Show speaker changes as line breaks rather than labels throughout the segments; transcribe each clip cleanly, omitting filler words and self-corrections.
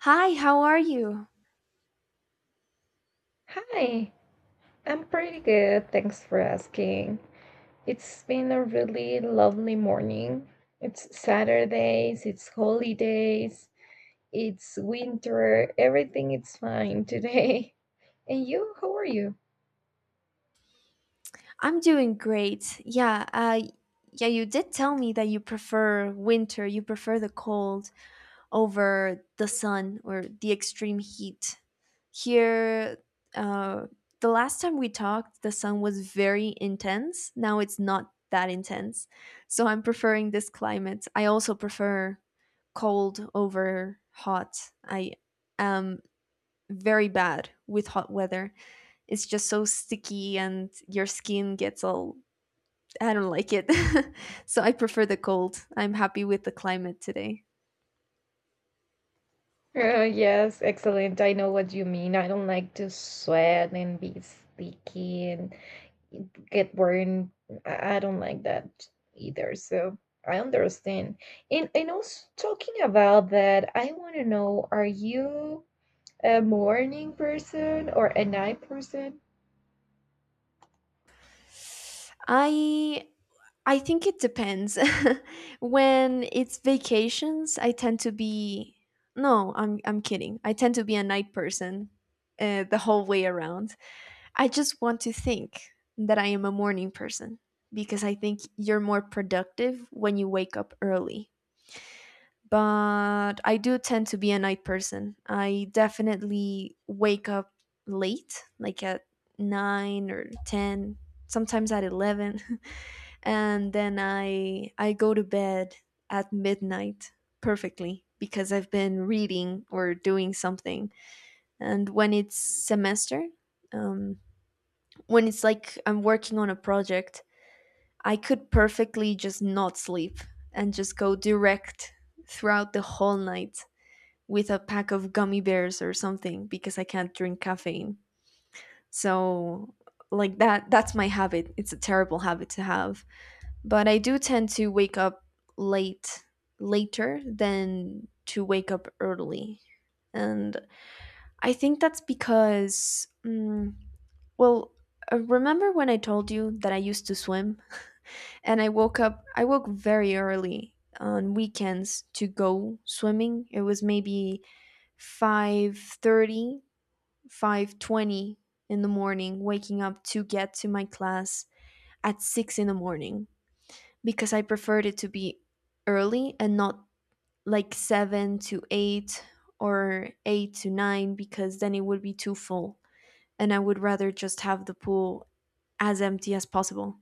Hi, how are you?
Hi, I'm pretty good. Thanks for asking. It's been a really lovely morning. It's Saturdays, it's holidays, it's winter, everything is fine today. And you, how are you?
I'm doing great. Yeah, yeah, you did tell me that you prefer winter, you prefer the cold over the sun or the extreme heat. Here, uh, the last time we talked, the sun was very intense. Now it's not that intense. So I'm preferring this climate. I also prefer cold over hot. I am very bad with hot weather. It's just so sticky and your skin gets all, I don't like it. So I prefer the cold. I'm happy with the climate today.
Yes, excellent. I know what you mean. I don't like to sweat and be sticky and get burned. I don't like that either. So I understand. And also talking about that, I want to know, are you a morning person or a night person?
I I think it depends. when it's vacations, I tend to be no, I'm kidding. I tend to be a night person the whole way around. I just want to think that I am a morning person because I think you're more productive when you wake up early. But I do tend to be a night person. I definitely wake up late, like at 9 or 10, sometimes at 11. And then I go to bed at midnight perfectly because I've been reading or doing something. And when it's semester, um, when it's like I'm working on a project, I could perfectly just not sleep and just go direct throughout the whole night with a pack of gummy bears or something because I can't drink caffeine. So like that's my habit. It's a terrible habit to have, but I do tend to wake up late later than to wake up early. And I think that's because well, remember when I told you that I used to swim and I woke very early on weekends to go swimming. It was maybe 5:30, 5:20 in the morning, waking up to get to my class at 6 in the morning, because I preferred it to be early and not like 7 to 8 or 8 to 9 because then it would be too full and I would rather just have the pool as empty as possible.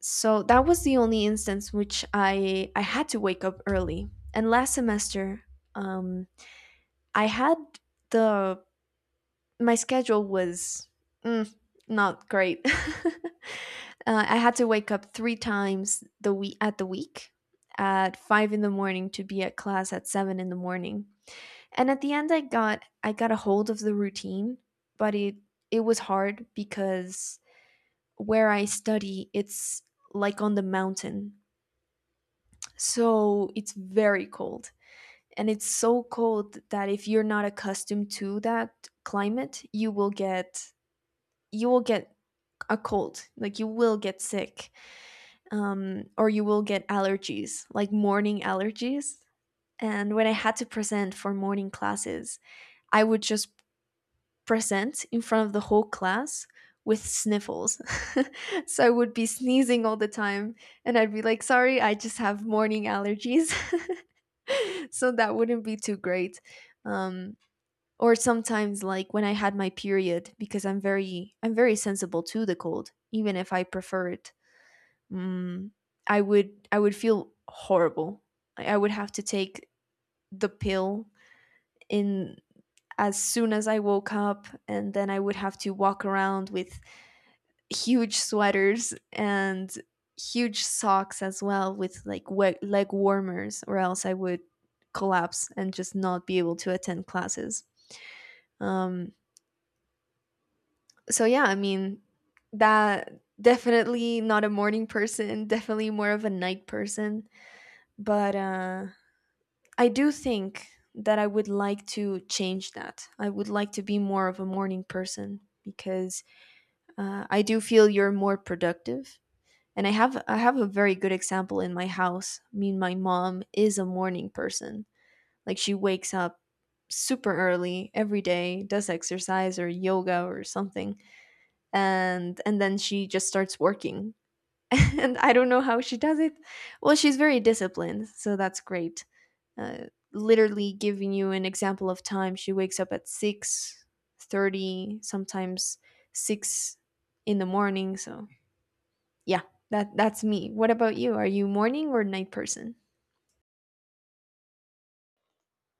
So that was the only instance which I had to wake up early. And last semester um I had the my schedule was mm, not great. I had to wake up three times the week at five in the morning to be at class at seven in the morning. And at the end, I got a hold of the routine, but it was hard because where I study, it's like on the mountain, so it's very cold. And it's so cold that if you're not accustomed to that climate, you will get a cold, like you will get sick, or you will get allergies, like morning allergies. And when I had to present for morning classes, I would just present in front of the whole class with sniffles. So I would be sneezing all the time and I'd be like, sorry, I just have morning allergies. So that wouldn't be too great. um, or sometimes like when I had my period, because I'm very sensible to the cold even if I prefer it. Mm, I would feel horrible. I would have to take the pill in as soon as I woke up, and then I would have to walk around with huge sweaters and huge socks as well, with like leg warmers, or else I would collapse and just not be able to attend classes. Um so yeah, I mean, that definitely not a morning person, definitely more of a night person, but I do think that I would like to change that. I would like to be more of a morning person because I do feel you're more productive. And I have a very good example in my house. I mean, my mom is a morning person. Like she wakes up super early every day, does exercise or yoga or something, and then she just starts working. And I don't know how she does it. Well, she's very disciplined, so that's great. uh, Literally giving you an example of time, she wakes up at 6:30, sometimes 6 in the morning. So yeah, that's me. What about you, are you morning or night person?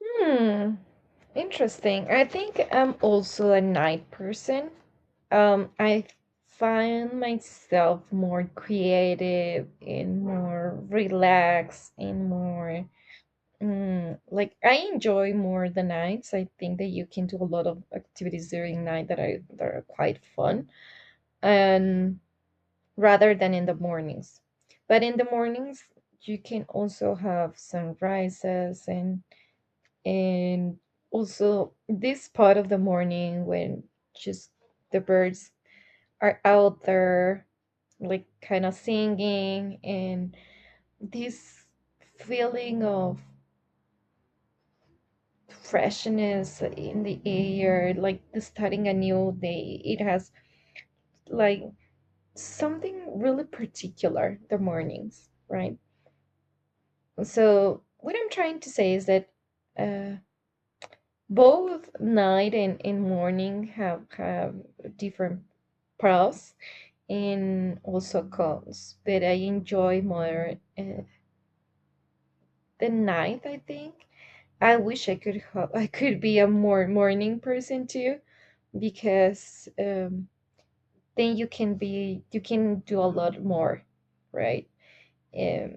Hmm, interesting. I think I'm also a night person. I find myself more creative and more relaxed and more like I enjoy more the nights. I think that you can do a lot of activities during night that are quite fun, and rather than in the mornings. But in the mornings, you can also have sunrises and also this part of the morning when just the birds are out there, like kind of singing and this feeling of freshness in the air, like starting a new day. It has like something really particular, the mornings, right? So, what I'm trying to say is that uh, both night and morning have different pros and also cons, but I enjoy more the night, I think. I wish I could I could be a more morning person too because then you can do a lot more, right. um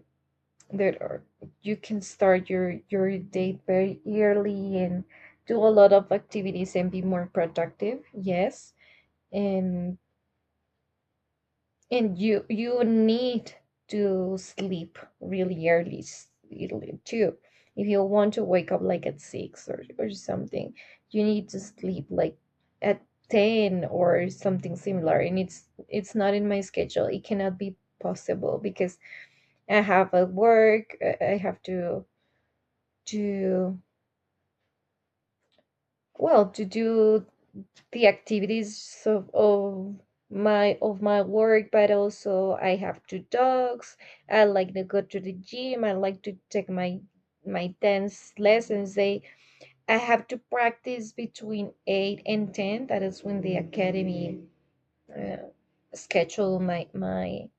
there are, you can start your day very early and do a lot of activities and be more productive, yes. And and you need to sleep really early, early too. If you want to wake up like at 6 or something, you need to sleep like at 10 or something similar. And it's not in my schedule. It cannot be possible because I have a work. I have to well to do the activities of my work, but also I have two dogs. I like to go to the gym. I like to take my my dance lessons. They I have to practice between 8 and 10. That is when the academy uh, schedule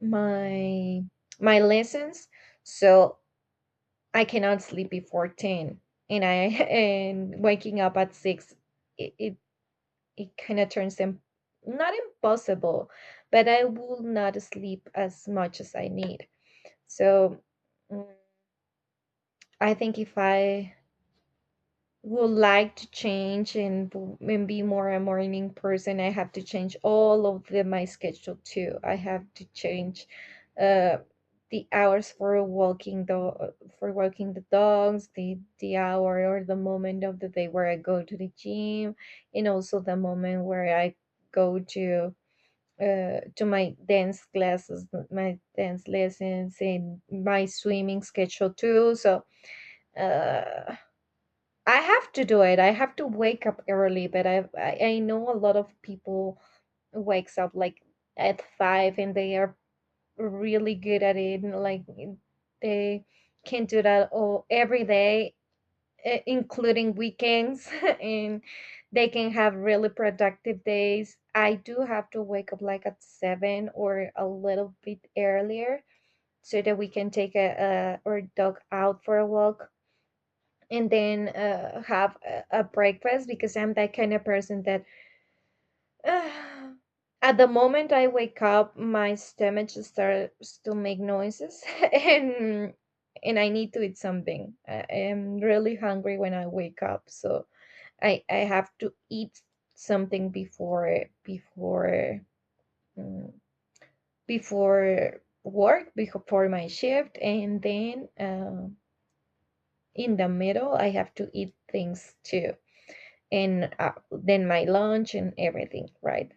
my my lessons. So I cannot sleep before 10, and I and waking up at 6, it it kind of turns them not impossible, but I will not sleep as much as I need. So mm, I think if I would like to change and, and be more a morning person, I have to change all of the, my schedule too. I have to change uh, the hours for walking the dogs, the hour or the moment of the day where I go to the gym, and also the moment where I go to my dance classes, my dance lessons, and my swimming schedule too. So uh, I have to do it. I have to wake up early, but I know a lot of people wakes up like at 5 and they are really good at it. Like they can do that all every day, including weekends, and they can have really productive days. I do have to wake up like at 7 or a little bit earlier so that we can take a our dog out for a walk and then have a breakfast because I'm that kind of person that uh, at the moment I wake up, my stomach just starts to make noises and and I need to eat something. I am really hungry when I wake up, so I have to eat something before before mm, before work before my shift, and then in the middle I have to eat things too, and then my lunch and everything, right?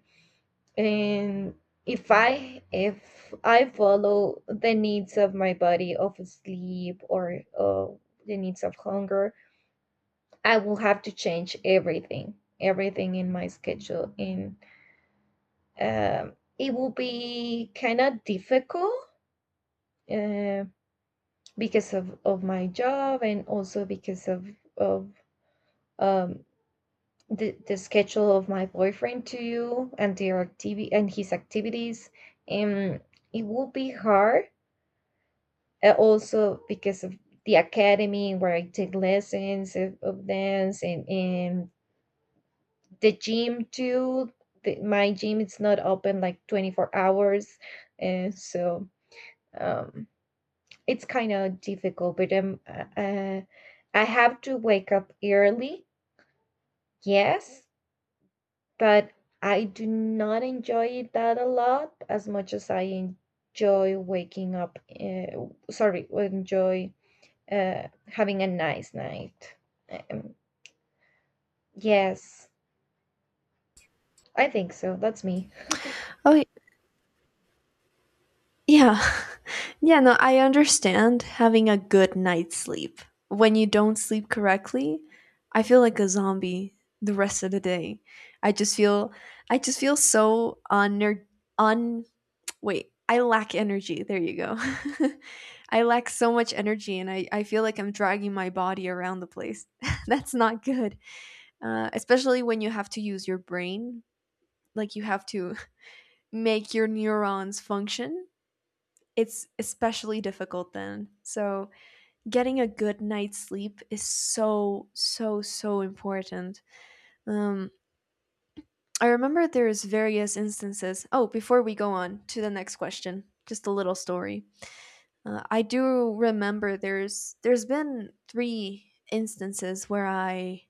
And if I follow the needs of my body of sleep or the needs of hunger, I will have to change everything, everything in my schedule, and it will be kind of difficult uh, because of my job and also because of um, the schedule of my boyfriend too and their activity and his activities. And it will be hard also because of the academy where I take lessons of dance and the gym too. The, my gym is not open like 24 hours. And so um, it's kind of difficult, but I have to wake up early, yes, but I do not enjoy it that a lot as much as I enjoy waking up. Sorry, enjoy having a nice night. Um, yes, I think so. That's me.
Oh yeah. Yeah, no, I understand, having a good night's sleep. When you don't sleep correctly, I feel like a zombie the rest of the day. i just feel I just feel so unener- un wait I lack energy, there you go. I lack so much energy and I feel like I'm dragging my body around the place. That's not good, especially when you have to use your brain, like you have to make your neurons function. It's especially difficult then. So getting a good night's sleep is so, so, so important. um, I remember there's various instances. Oh, before we go on to the next question, just a little story. I do remember there's been three instances where I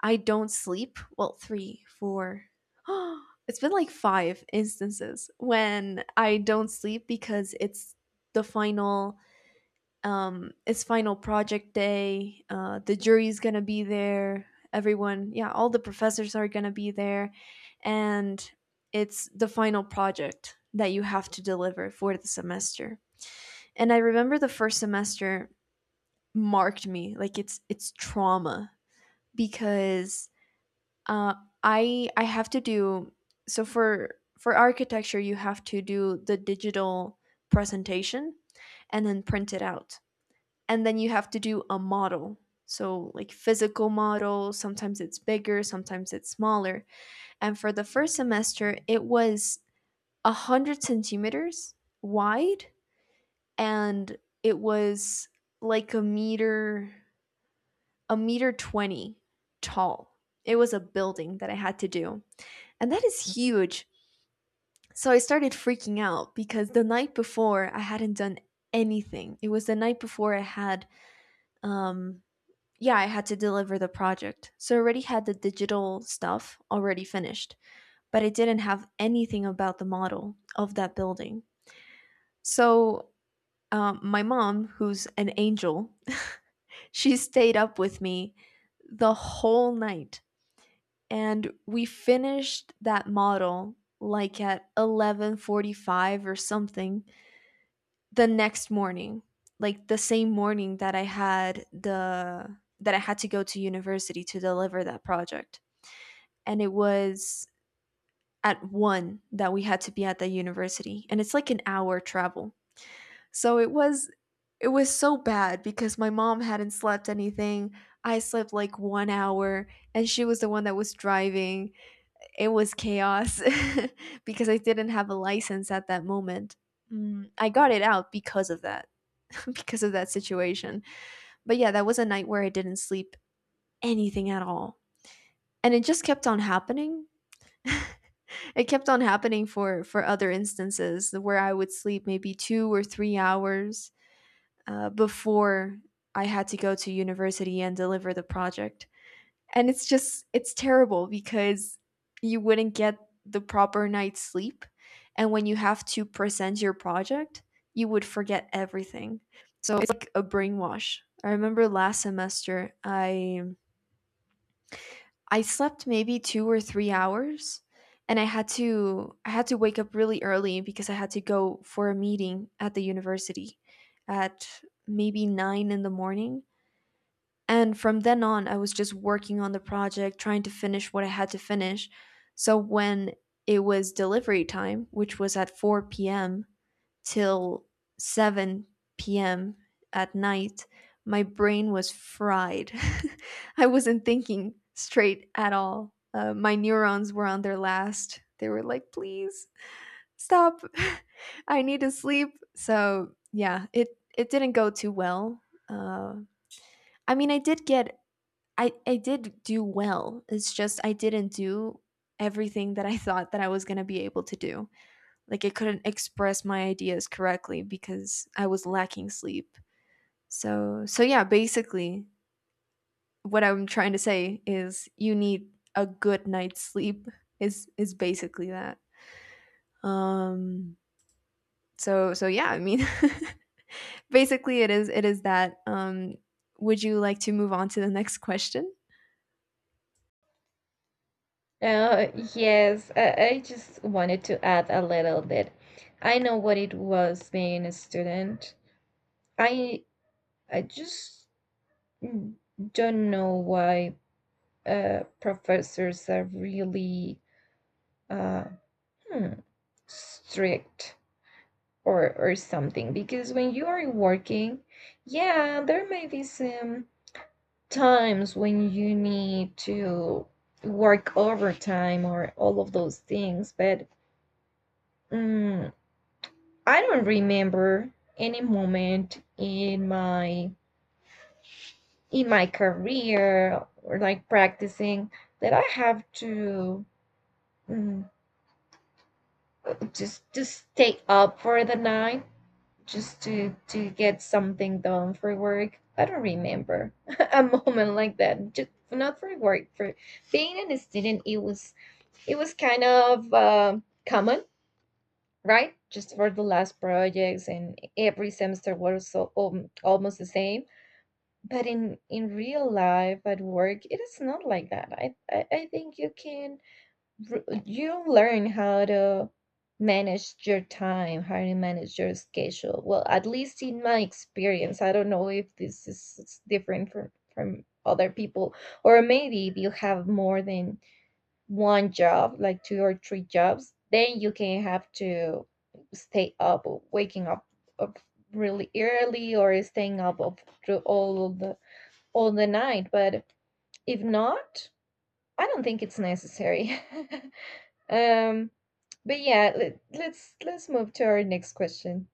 I don't sleep. Well, three, four. It's been like five instances when I don't sleep because it's the final, it's final project day. Uh, the jury's going to be there. Everyone, yeah, all the professors are going to be there, and it's the final project that you have to deliver for the semester. And I remember the first semester marked me, like it's trauma, because uh, I have to do, so for architecture, you have to do the digital presentation and then print it out, and then you have to do a model, so like physical model, sometimes it's bigger, sometimes it's smaller. And for the first semester, it was 100 centimeters wide, and it was like a meter, a meter 20 tall. It was a building that I had to do, and that is huge. So I started freaking out because the night before I hadn't done anything. It was the night before I had, um yeah, I had to deliver the project, so I already had the digital stuff already finished, but I didn't have anything about the model of that building. So my mom, who's an angel, she stayed up with me the whole night, and we finished that model like at 11:45 or something the next morning, like the same morning that I had the that I had to go to university to deliver that project. And it was at 1 that we had to be at the university, and it's like an hour travel. So it was it was so bad because my mom hadn't slept anything. I slept like 1 hour, and she was the one that was driving. It was chaos because I didn't have a license at that moment. Mm, I got it out because of that. Because of that situation. But yeah, that was a night where I didn't sleep anything at all. And it just kept on happening. It kept on happening for other instances where I would sleep maybe 2 or 3 hours before I had to go to university and deliver the project. And it's just, it's terrible because you wouldn't get the proper night's sleep. And when you have to present your project, you would forget everything. So it's like a brainwash. I remember last semester, I slept maybe 2 or 3 hours, and I had to wake up really early because I had to go for a meeting at the university at maybe 9 in the morning. And from then on, I was just working on the project, trying to finish what I had to finish. So when it was delivery time, which was at 4 p.m. till 7 p.m. at night, my brain was fried. I wasn't thinking straight at all. My neurons were on their last. They were like, please stop. I need to sleep. So yeah, it didn't go too well. Uh, I mean, I did do well. It's just I didn't do everything that I thought that I was going to be able to do, like I couldn't express my ideas correctly because I was lacking sleep. So so yeah, basically what I'm trying to say is you need a good night's sleep, is basically that. Um so so yeah, I mean, basically it is that. Would you like to move on to the next question?
Uh, yes, I just wanted to add a little bit. I know what it was being a student. I I just Mm, don't know why professors are really uh, hmm, strict or something. Because when you are working, yeah, there may be some times when you need to work overtime or all of those things. But mm, I don't remember any moment in my career or like practicing that I have to. mm, just to stay up for the night just to get something done for work. I don't remember a moment like that. Just not for work. For being a student, it was kind of common, right? Just for the last projects, and every semester was so, almost the same. But in real life at work, it is not like that. I think you can you learn how to manage your time, how to manage your schedule. Well, at least in my experience, I don't know if this is different from other people, or maybe if you have more than one job, like two or three jobs, then you can have to stay up, waking up, up really early, or staying up, up through all the night. But if not, I don't think it's necessary. um but yeah, let's move to our next question.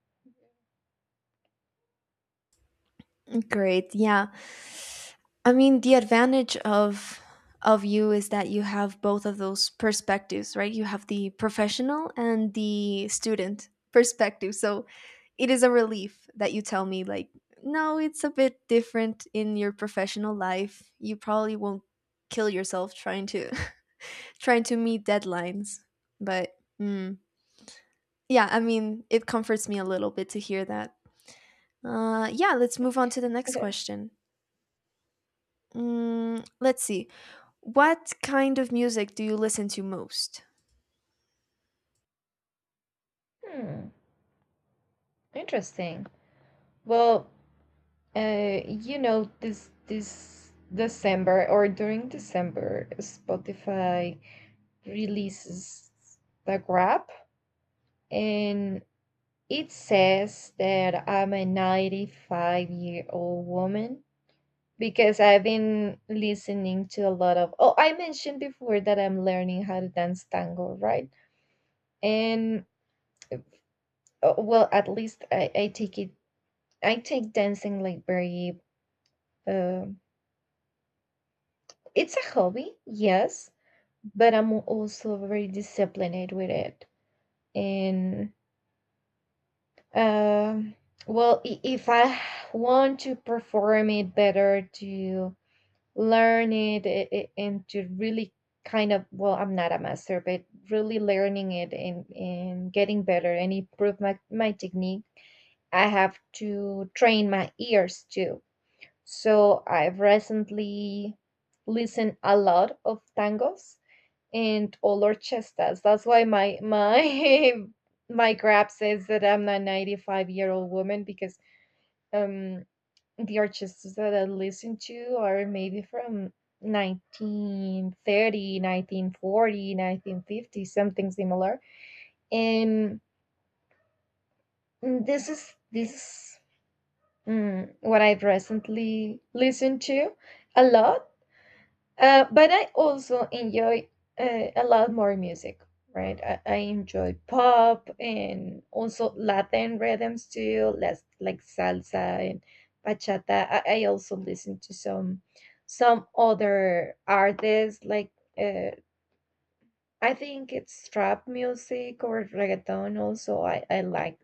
Great. Yeah. I mean, the advantage of you is that you have both of those perspectives, right? You have the professional and the student perspective. So, it is a relief that you tell me like, no, it's a bit different in your professional life. You probably won't kill yourself trying to trying to meet deadlines. But mm, yeah, I mean, it comforts me a little bit to hear that. Yeah, let's move on to the next question. Let's see. What kind of music do you listen to most?
Hmm, interesting. Well, you know, this December or during December, Spotify releases the grab, and it says that I'm a 95-year-old woman because I've been listening to a lot of. Oh, I mentioned before that I'm learning how to dance tango, right? And well, at least I take it. I take dancing like very. Um, it's a hobby, yes, but I'm also very disciplined with it. And um, well, if I want to perform it better, to learn it, and to really kind of well, I'm not a master, but really learning it and getting better and improve my my technique, I have to train my ears too. So I've recently listened a lot of tangos and all orchestas. That's why my my grab says that I'm a 95-year-old woman because um the orchestras that I listen to are maybe from 1930, 1940, 1950, something similar. And this is what I've recently listened to a lot. But I also enjoy a lot more music, right? I enjoy pop and also Latin rhythms too, less like salsa and bachata. I also listen to some other artists like uh, I think it's trap music or reggaeton. Also, I like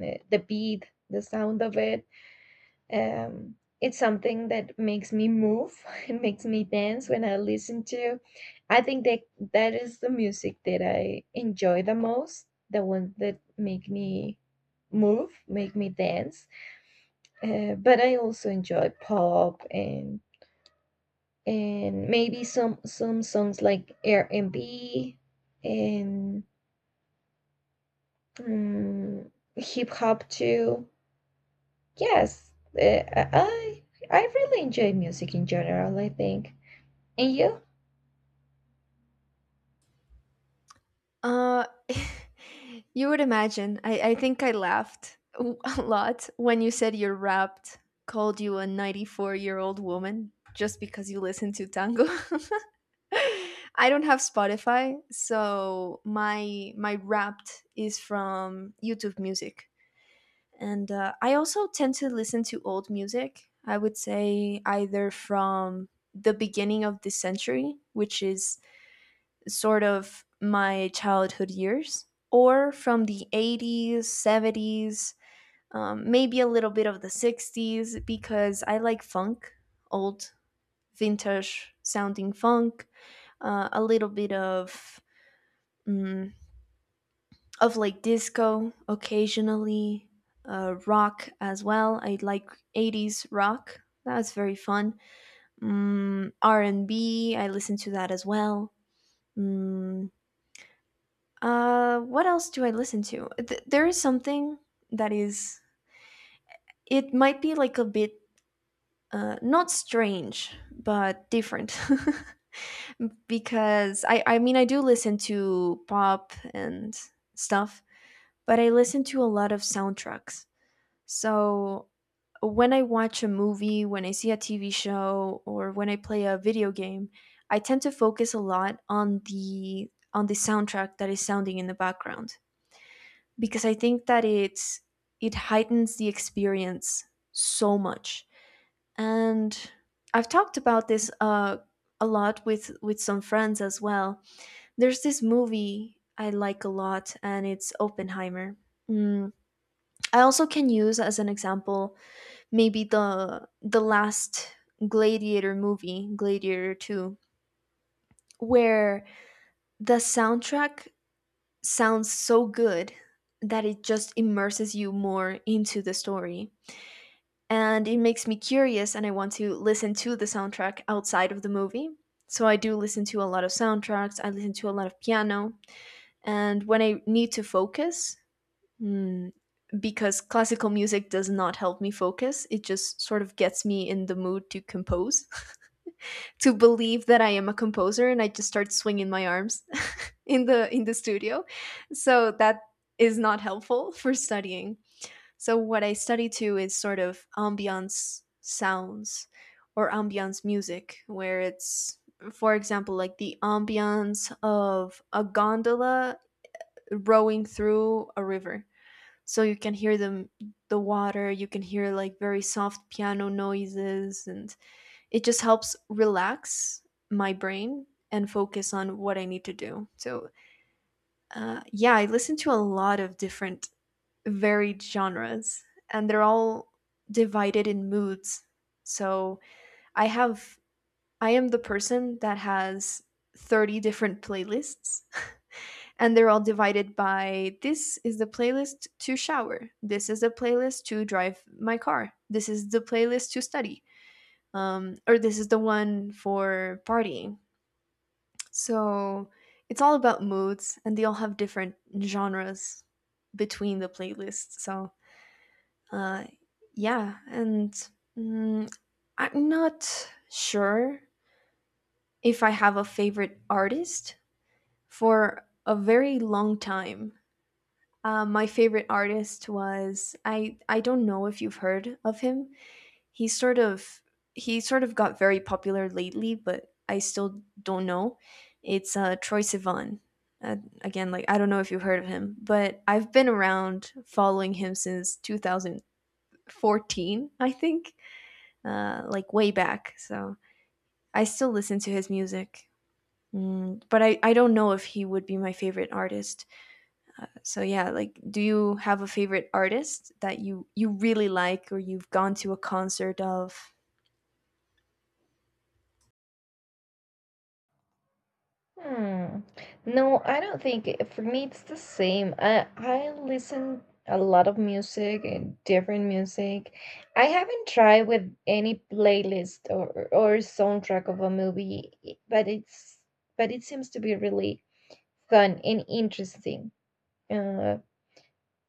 the beat, the sound of it. It's something that makes me move. It makes me dance when I listen to. I think that that is the music that I enjoy the most, the ones that make me move, make me dance. But I also enjoy pop and maybe some songs like R&B and B and hip hop too. Yes, uh, I I really enjoy music in general, I think. And you?
Uh, you would imagine. I think I laughed a lot when you said your rap called you a 94-year-old woman just because you listen to tango. I don't have Spotify, so my rap is from YouTube Music. And I also tend to listen to old music. I would say either from the beginning of this century, which is sort of my childhood years, or from the 80s, 70s, maybe a little bit of the 60s, because I like funk, old vintage sounding funk, a little bit of mm, of like disco occasionally. Rock as well. I like 80s rock that was very fun. R and B, I listen to that as well. mm, what else do I listen to? There is something that is, it might be like a bit not strange but different. Because I mean, I do listen to pop and stuff, but I listen to a lot of soundtracks. So when I watch a movie, when I see a TV show, or when I play a video game, I tend to focus a lot on the soundtrack that is sounding in the background, because I think that it heightens the experience so much. And I've talked about this a lot with some friends as well. There's this movie I like a lot, and it's Oppenheimer. Mm, I also can use as an example maybe the last gladiator movie, Gladiator 2, where the soundtrack sounds so good that it just immerses you more into the story, and it makes me curious and I want to listen to the soundtrack outside of the movie. So I do listen to a lot of soundtracks. I listen to a lot of piano. And when I need to focus, mm, because classical music does not help me focus, it just sort of gets me in the mood to compose to believe that I am a composer and I just start swinging my arms in the studio. So that is not helpful for studying. So what I study to is sort of ambiance sounds or ambiance music, where it's for example like the ambiance of a gondola rowing through a river. So you can hear the water, you can hear like very soft piano noises, and it just helps relax my brain and focus on what I need to do. So, yeah, I listen to a lot of different, varied genres, and they're all divided in moods. So, I have, I am the person that has 30 different playlists, and they're all divided by: this is the playlist to shower, this is the playlist to drive my car, this is the playlist to study. Or this is the one for partying. So it's all about moods, and they all have different genres between the playlists. So uh, yeah, and mm, I'm not sure if I have a favorite artist for a very long time. My favorite artist was, I don't know if you've heard of him, he sort of he sort of got very popular lately, but I still don't know. It's Troy Sivan. Again, like, I don't know if you've heard of him, but I've been around following him since 2014, I think, like way back. So I still listen to his music, but I don't know if he would be my favorite artist. So yeah, like, do you have a favorite artist that you really like or you've gone to a concert of?
Hmm. No, I don't think for me it's the same. I listen a lot of music and different music. I haven't tried with any playlist or soundtrack of a movie, but it's but it seems to be really fun and interesting. Uh,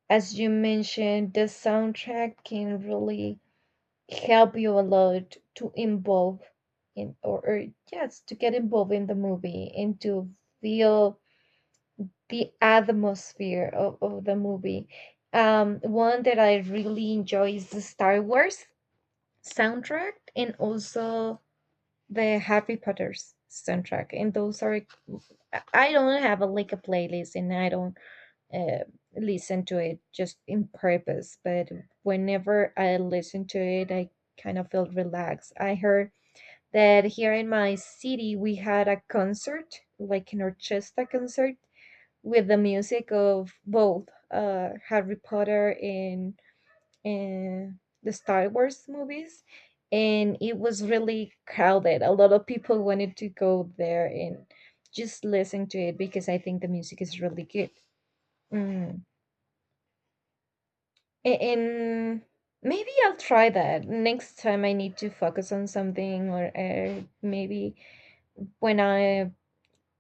as you mentioned, the soundtrack can really help you a lot to involve in or yes to get involved in the movie and to feel the atmosphere of the movie. One that I really enjoy is the Star Wars soundtrack, and also the Harry Potter's soundtrack, and those are I don't have a like a playlist and I don't uh, listen to it just in purpose. But whenever I listen to it, I kind of feel relaxed. I heard that here in my city, we had a concert, like an orchestra concert, with the music of both Harry Potter and the Star Wars movies. And it was really crowded. A lot of people wanted to go there and just listen to it because I think the music is really good. Mm, And maybe I'll try that next time I need to focus on something, or maybe when I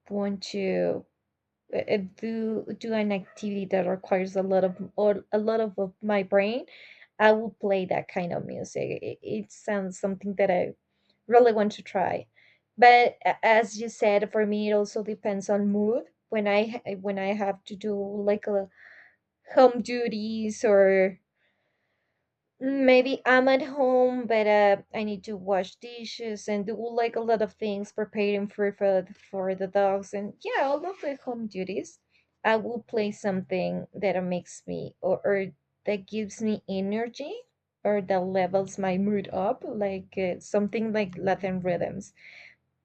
want to do do an activity that requires a lot of or a lot of my brain, I will play that kind of music. It sounds something that I really want to try. But as you said, for me, it also depends on mood. When I when I have to do like a home duties or maybe I'm at home, but I need to wash dishes and do like a lot of things, preparing for food for the dogs, and yeah, all of the home duties. I will play something that makes me or that gives me energy or that levels my mood up, like something like Latin rhythms.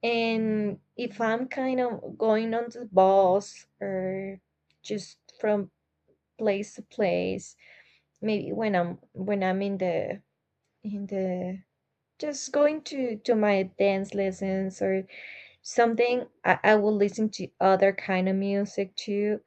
And if I'm kind of going on the bus or just from place to place, maybe when I'm in the and just going to my dance lessons or something, I will listen to other kind of music too.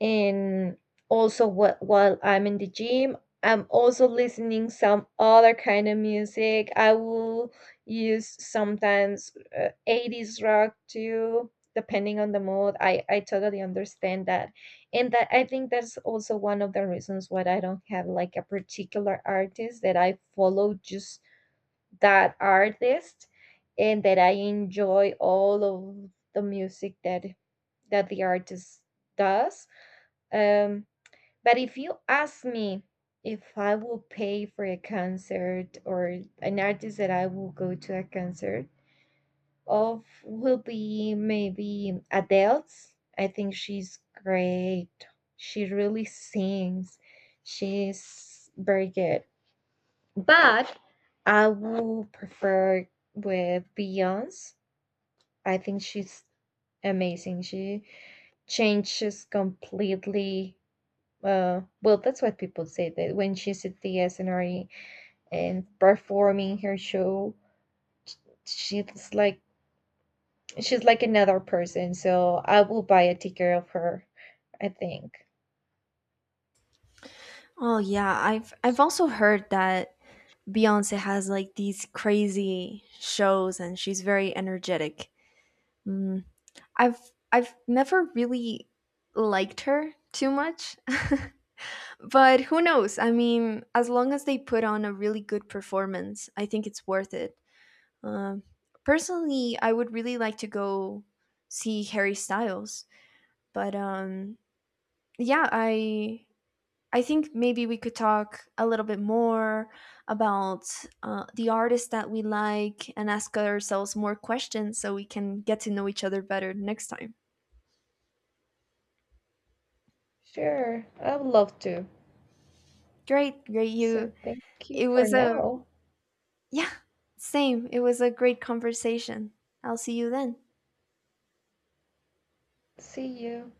And also what while I'm in the gym, I'm also listening some other kind of music. I will use sometimes 80's rock too, depending on the mood. I totally understand that, and that I think that's also one of the reasons why I don't have like a particular artist that I follow just that artist and that I enjoy all of the music that that the artist does. Um, but if you ask me if I will pay for a concert or an artist that I will go to a concert of will be maybe Adele's. I think she's great. She really sings. She's very good. But I would prefer with Beyonce. I think she's amazing. She changes completely. Well, that's what people say that when she's at the SNRE and performing her show, she's like she's like another person. So I will buy a ticket of her. I think.
Oh yeah, I've also heard that Beyonce has like these crazy shows and she's very energetic. Mm, I've I've never really liked her too much. But who knows? I mean, as long as they put on a really good performance, I think it's worth it. Um, Personally, I would really like to go see Harry Styles, but yeah, I think maybe we could talk a little bit more about the artists that we like and ask ourselves more questions so we can get to know each other better next time.
Sure, I would love to.
Great, great.
So thank you
It
for
was a,
now.
yeah, same. It was a great conversation. I'll see you then.
See you.